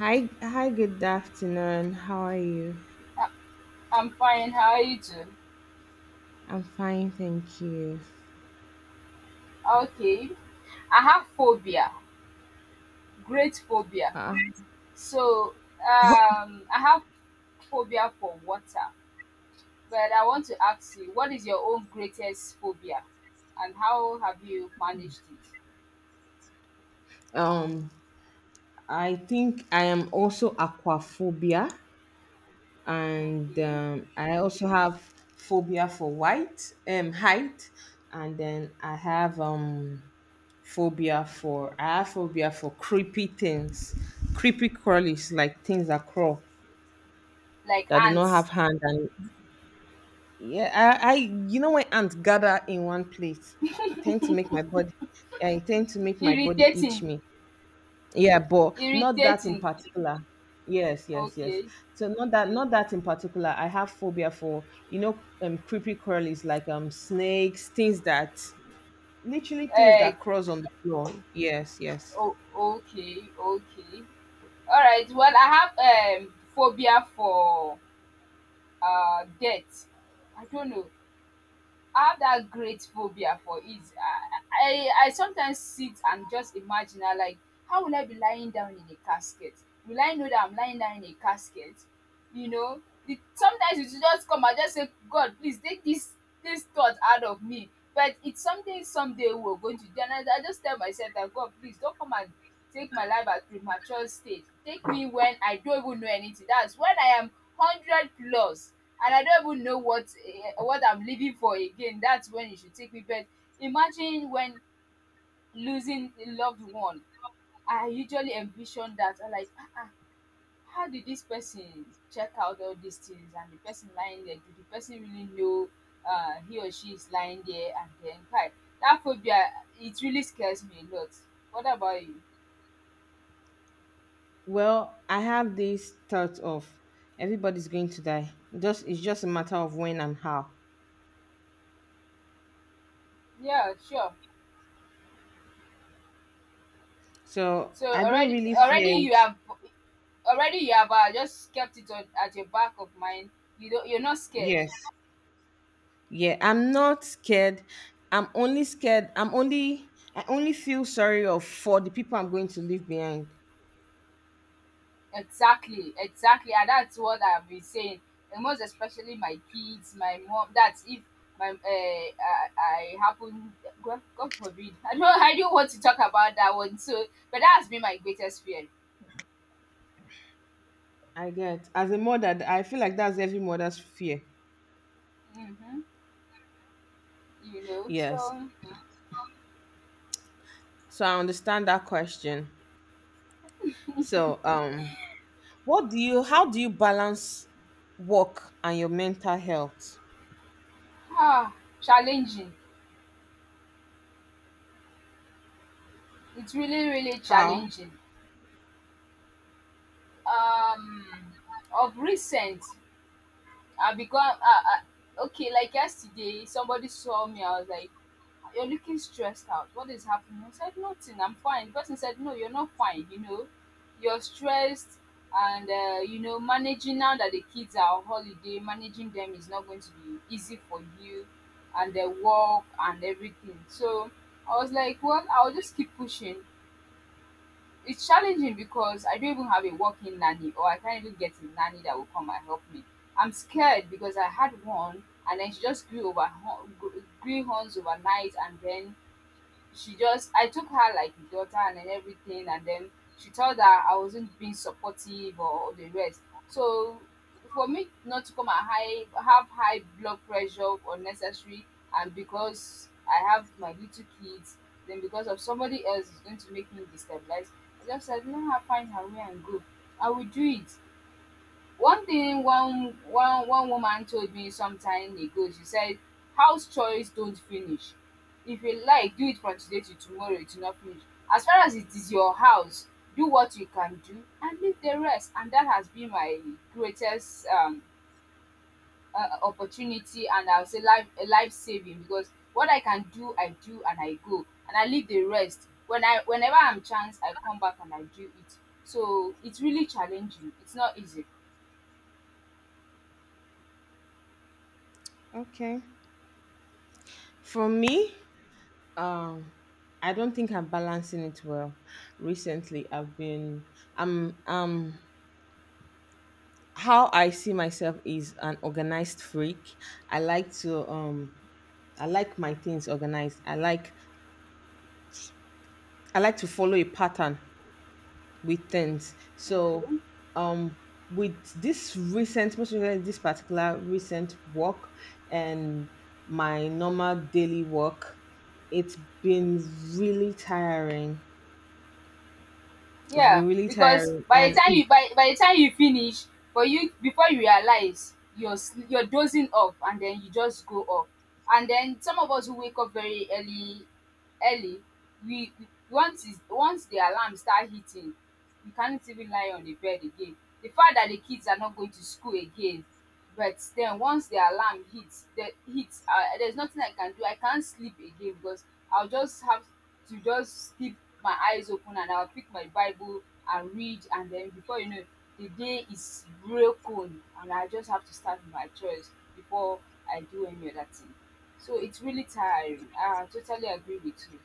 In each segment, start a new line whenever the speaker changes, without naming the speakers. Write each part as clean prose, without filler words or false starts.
Hi, hi. Good afternoon. How are you?
I'm fine. How are you doing?
I'm fine, thank you.
Okay. I have phobia, great phobia.
Uh,
So, I have phobia for water. But I want to ask you, what is your own greatest phobia, and how have you managed it?
um, I think I am also aquaphobia, and
Okay.
I also have phobia for white, height, and then I have phobia for creepy things, creepy crawlies like things that crawl,
Like
that do not have
ants,
hand and— yeah, I you know, when ants gather in one place, it tend to make my body— yeah, it tend to make my body itch
irritating,
me. Yeah, but not that in
irritating.
particular. Yes, yes, yes.
Okay.
So not that in particular. I have phobia for, you know, creepy crawlies like snakes, things that— literally things
Uh,
that cross on the floor. Yes, yes.
oh, okay, okay. All right. Well, I have phobia for debt. I don't know. I have that great phobia for it. I sometimes sit and just imagine, I like, how will I be lying down in a casket? Will I know that I'm lying down in a casket? You know, sometimes you should just come and just say, God, please take this thought out of me. But it's something someday we're going to do. And I just tell myself that God, please don't come and take my life at premature stage. Take me when I don't even know anything. That's when I am 100 plus, and I don't even know what, what I'm living for again. That's when you should take me. But imagine when losing a loved one, I usually envision that, I like, how did this person check out? All these things, and the person lying there, did the person really know he or she is lying there? And then, hi, that phobia, it really scares me a lot. What about you?
Well, I have this thought of everybody's going to die. Just it's just a matter of when and how.
Yeah, sure.
So
So
I don't
already,
really fear it.
you have just kept it on, at your back of mind. You don't, you're not scared.
Yes. Yeah. I'm not scared. I'm only— I only feel sorry of for the people I'm going to leave behind.
Exactly, exactly, and that's what I've been saying. And most especially my kids, my mom. That's if my, I happen. God forbid. I know I don't want to talk about that one. So, but that has been my greatest fear.
I get. As a mother, I feel like that's every mother's fear.
Mm-hmm. You know,
Yes.
so
So I understand that question. So what do you— how do you balance work and your mental health?
ah, challenging. It's really, really
How?
challenging. Um, of recent, I become, okay. Like yesterday, somebody saw me. I was like, "You're looking stressed out. What is happening?" I said, "Nothing. I'm fine." The person said, "No, you're not fine. You know, you're stressed, and you know, managing now that the kids are on holiday, managing them is not going to be easy for you, and their work and everything." So I was like, "Well, I'll just keep pushing." It's challenging because I don't even have a working nanny, or I can't even get a nanny that will come and help me. I'm scared because I had one, and then she just grew horns overnight, and then she just, I took her like daughter, and then everything, and then she told her I wasn't being supportive or the rest. So for me not to come and high have high blood pressure unnecessary, and because I have my little kids, then because of somebody else is going to make me destabilize. I just said, let her find her way and go. I will do it. One thing, one one one woman told me some time ago, she said, house chores don't finish. If you like, do it from today to tomorrow, it will not finish. As far as it is your house, do what you can do and leave the rest. And that has been my greatest opportunity, and I'll say life a life saving, because what I can do, I do and I go and I leave the rest. Whenever I'm chance, I come back and I do it. So it's really challenging. It's not easy.
Okay. For me, um, I don't think I'm balancing it well. Recently, I've been— I'm how I see myself is an organized freak. I like to I like my things organized. I like to follow a pattern with things.
Thank
So
you.
um with this recent— most recently, this particular recent work and my normal daily work, it's been really tiring. It's
Yeah,
been really
because
tiring
by
and it—
the time you finish, for you before you realize, you're dozing off, and then you just go off. And then some of us who wake up very early, early, once the alarm start hitting, we can't even lie on the bed again. The fact that the kids are not going to school again, but then once the alarm hits, there's nothing I can do. I can't sleep again, because I'll just have to just keep my eyes open, and I'll pick my Bible and read, and then before you know it, the day is broken, and I just have to start with my chores before I do any other thing. So it's really tiring. I totally agree with you.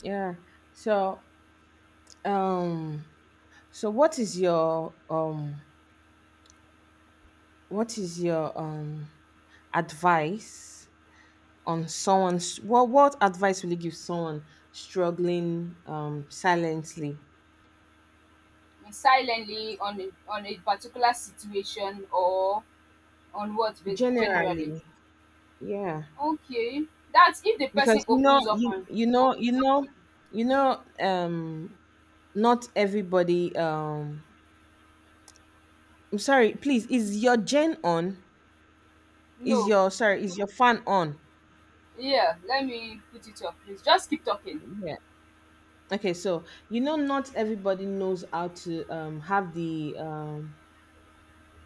yeah. So um so what is your what is your advice on someone's— what advice will you give someone struggling silently?
And silently on on a particular situation, or on what generally.
Generally, yeah.
Okay, that's if the person
Because
opens up and,
you know, not everybody I'm sorry, please, is your gen on? Is
no,
your sorry, is your fan on?
yeah, let me put it up, please. Just keep talking.
Yeah. Okay, so you know, not everybody knows how to have the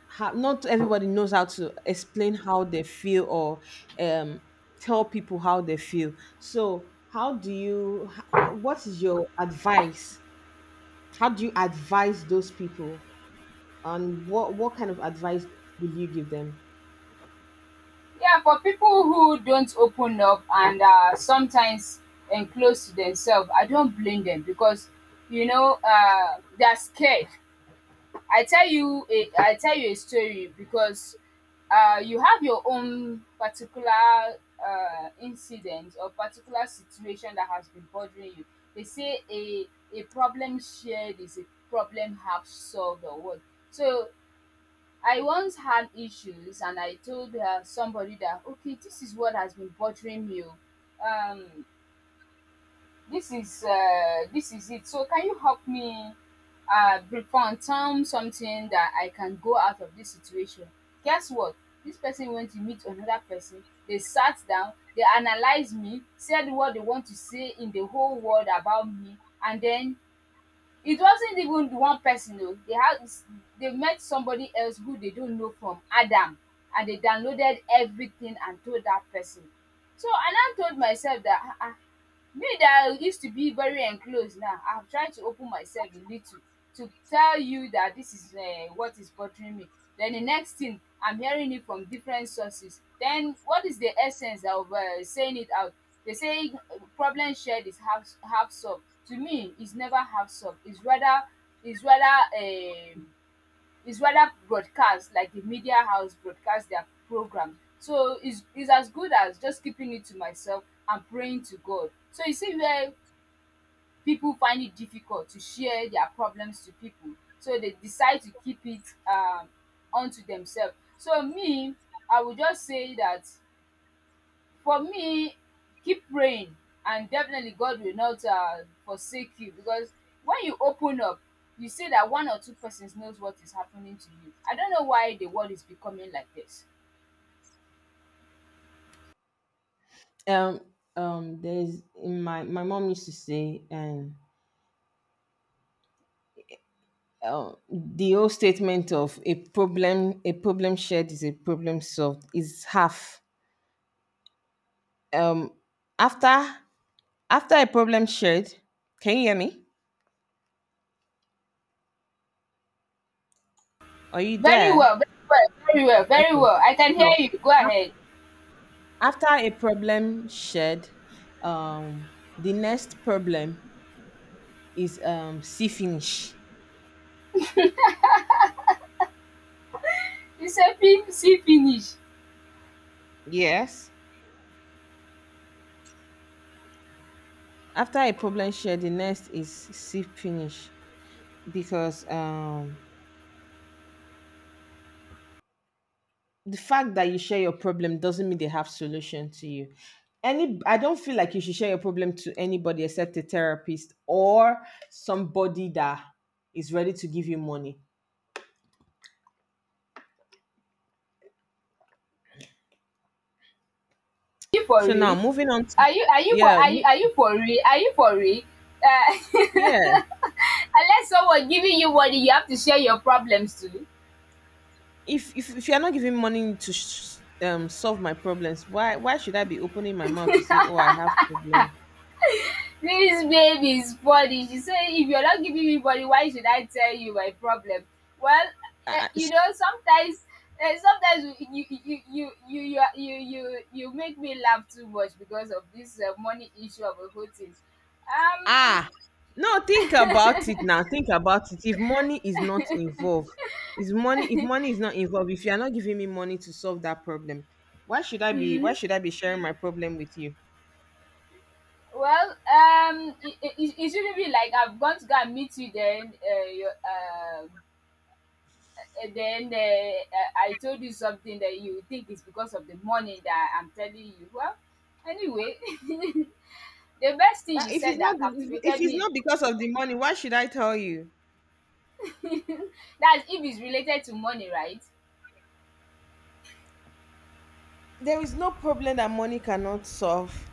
how— not everybody knows how to explain how they feel or um, tell people how they feel. So, how do you, what is your advice? How do you advise those people? And what kind of advice will you give them?
Yeah, for people who don't open up and are sometimes enclosed to themselves, I don't blame them because, they're scared. I tell you a story, because you have your own particular, incident or particular situation that has been bothering you. They say a problem shared is a problem half solved or what. So I once had issues, and I told somebody that, okay, this is what has been bothering me. Oh. Um this is this is it. So can you help me, Brifontown something that I can go out of this situation? Guess what? This person went to meet another person, they sat down, they analyzed me, said what they want to say in the whole world about me, and then it wasn't even the one person. Oh, they met somebody else who they don't know from Adam, and they downloaded everything and told that person. So I now told myself that, me that I used to be very enclosed. Now, I've tried to open myself a little to tell you that this is what is bothering me. Then the next thing I'm hearing it from different sources. Then what is the essence of saying it out? They say problem shared is half solved. To me it's never half solved. It's rather um it's rather broadcast, like the media house broadcast their program. So it's as good as just keeping it to myself and praying to God. So you see where people find it difficult to share their problems to people, so they decide to keep it um unto themselves. So me, I would just say that, for me, keep praying, and definitely God will not forsake you, because when you open up, you see that one or two persons knows what is happening to you. I don't know why the world is becoming like this.
Um, there's— my mom used to say, the old statement of a problem shared is a problem solved is half— um, after— after a problem shared, can you hear me? Are you
Very
there?
well, very well, very well, very
Okay.
well, I can hear
So
you. Go
af-
ahead.
after a problem shared, um, the next problem is see finish.
You say, fin see finish"?
Yes. After a problem shared, the next is see finish, because the fact that you share your problem doesn't mean they have solution to you. Any— I don't feel like you should share your problem to anybody except a therapist or somebody that is ready to give you money.
Are you for
So now,
real?
moving on to—
Are you are you for
yeah,
are you
mo-
are you for real? Are you for real? Uh,
yeah.
Unless someone giving you money, you have to share your problems too.
If you are not giving money to solve my problems, why should I be opening my mouth to say, "Oh, I have problem"?
This baby is funny. She said, "If you're not giving me money, why should I tell you my problem?" Well,
Ah, s-
sometimes, sometimes you make me laugh too much because of this money issue of a whole thing. Um,
ah. No, think about it now. Think about it. If money is not involved— is money if money is not involved, if you are not giving me money to solve that problem, why
mm,
should I be sharing my problem with you?
Well, it shouldn't be like I've gone to go and meet you, then you, and then I told you something that you think is because of the money that I'm telling you. Well, anyway, the best thing
Ah,
you said that
If
captivated
it's
me,
not because of the money, why should I tell you?
that's if it's related to money, right?
There is no problem that money cannot solve.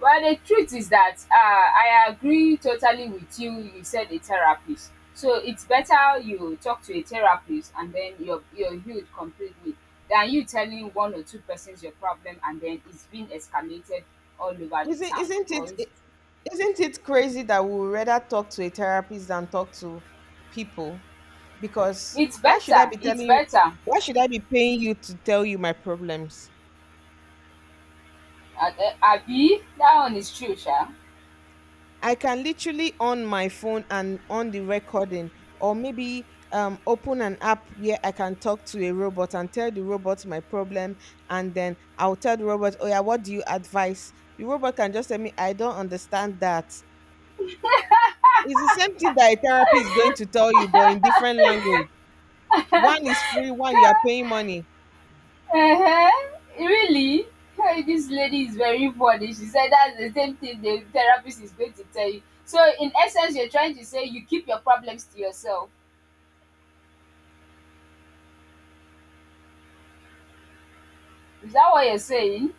Well, the truth is that, I agree totally with you. You said a therapist. So it's better you talk to a therapist, and then you're healed completely than you telling one or two persons your problem, and then it's being escalated all over the
Isn't
town.
isn't
Or
it- isn't it crazy that we would rather talk to a therapist than talk to people? Because
it's
why should
better.
I be
It's
telling you?
better.
Why should I be paying you to tell you my problems?
Abi, that one is true, Sha.
I can literally on my phone and on the recording, or maybe open an app where I can talk to a robot and tell the robot my problem, and then I'll tell the robot, "Oh yeah, what do you advise?" The robot can just tell me, "I don't understand that." It's the same thing that a therapy is going to tell you, but in different language. One is free, one you are paying money.
Uh-huh. Really? Hey, this lady is very funny. She said that's the same thing the therapist is going to tell you. So in essence, you're trying to say you keep your problems to yourself. Is that what you're saying?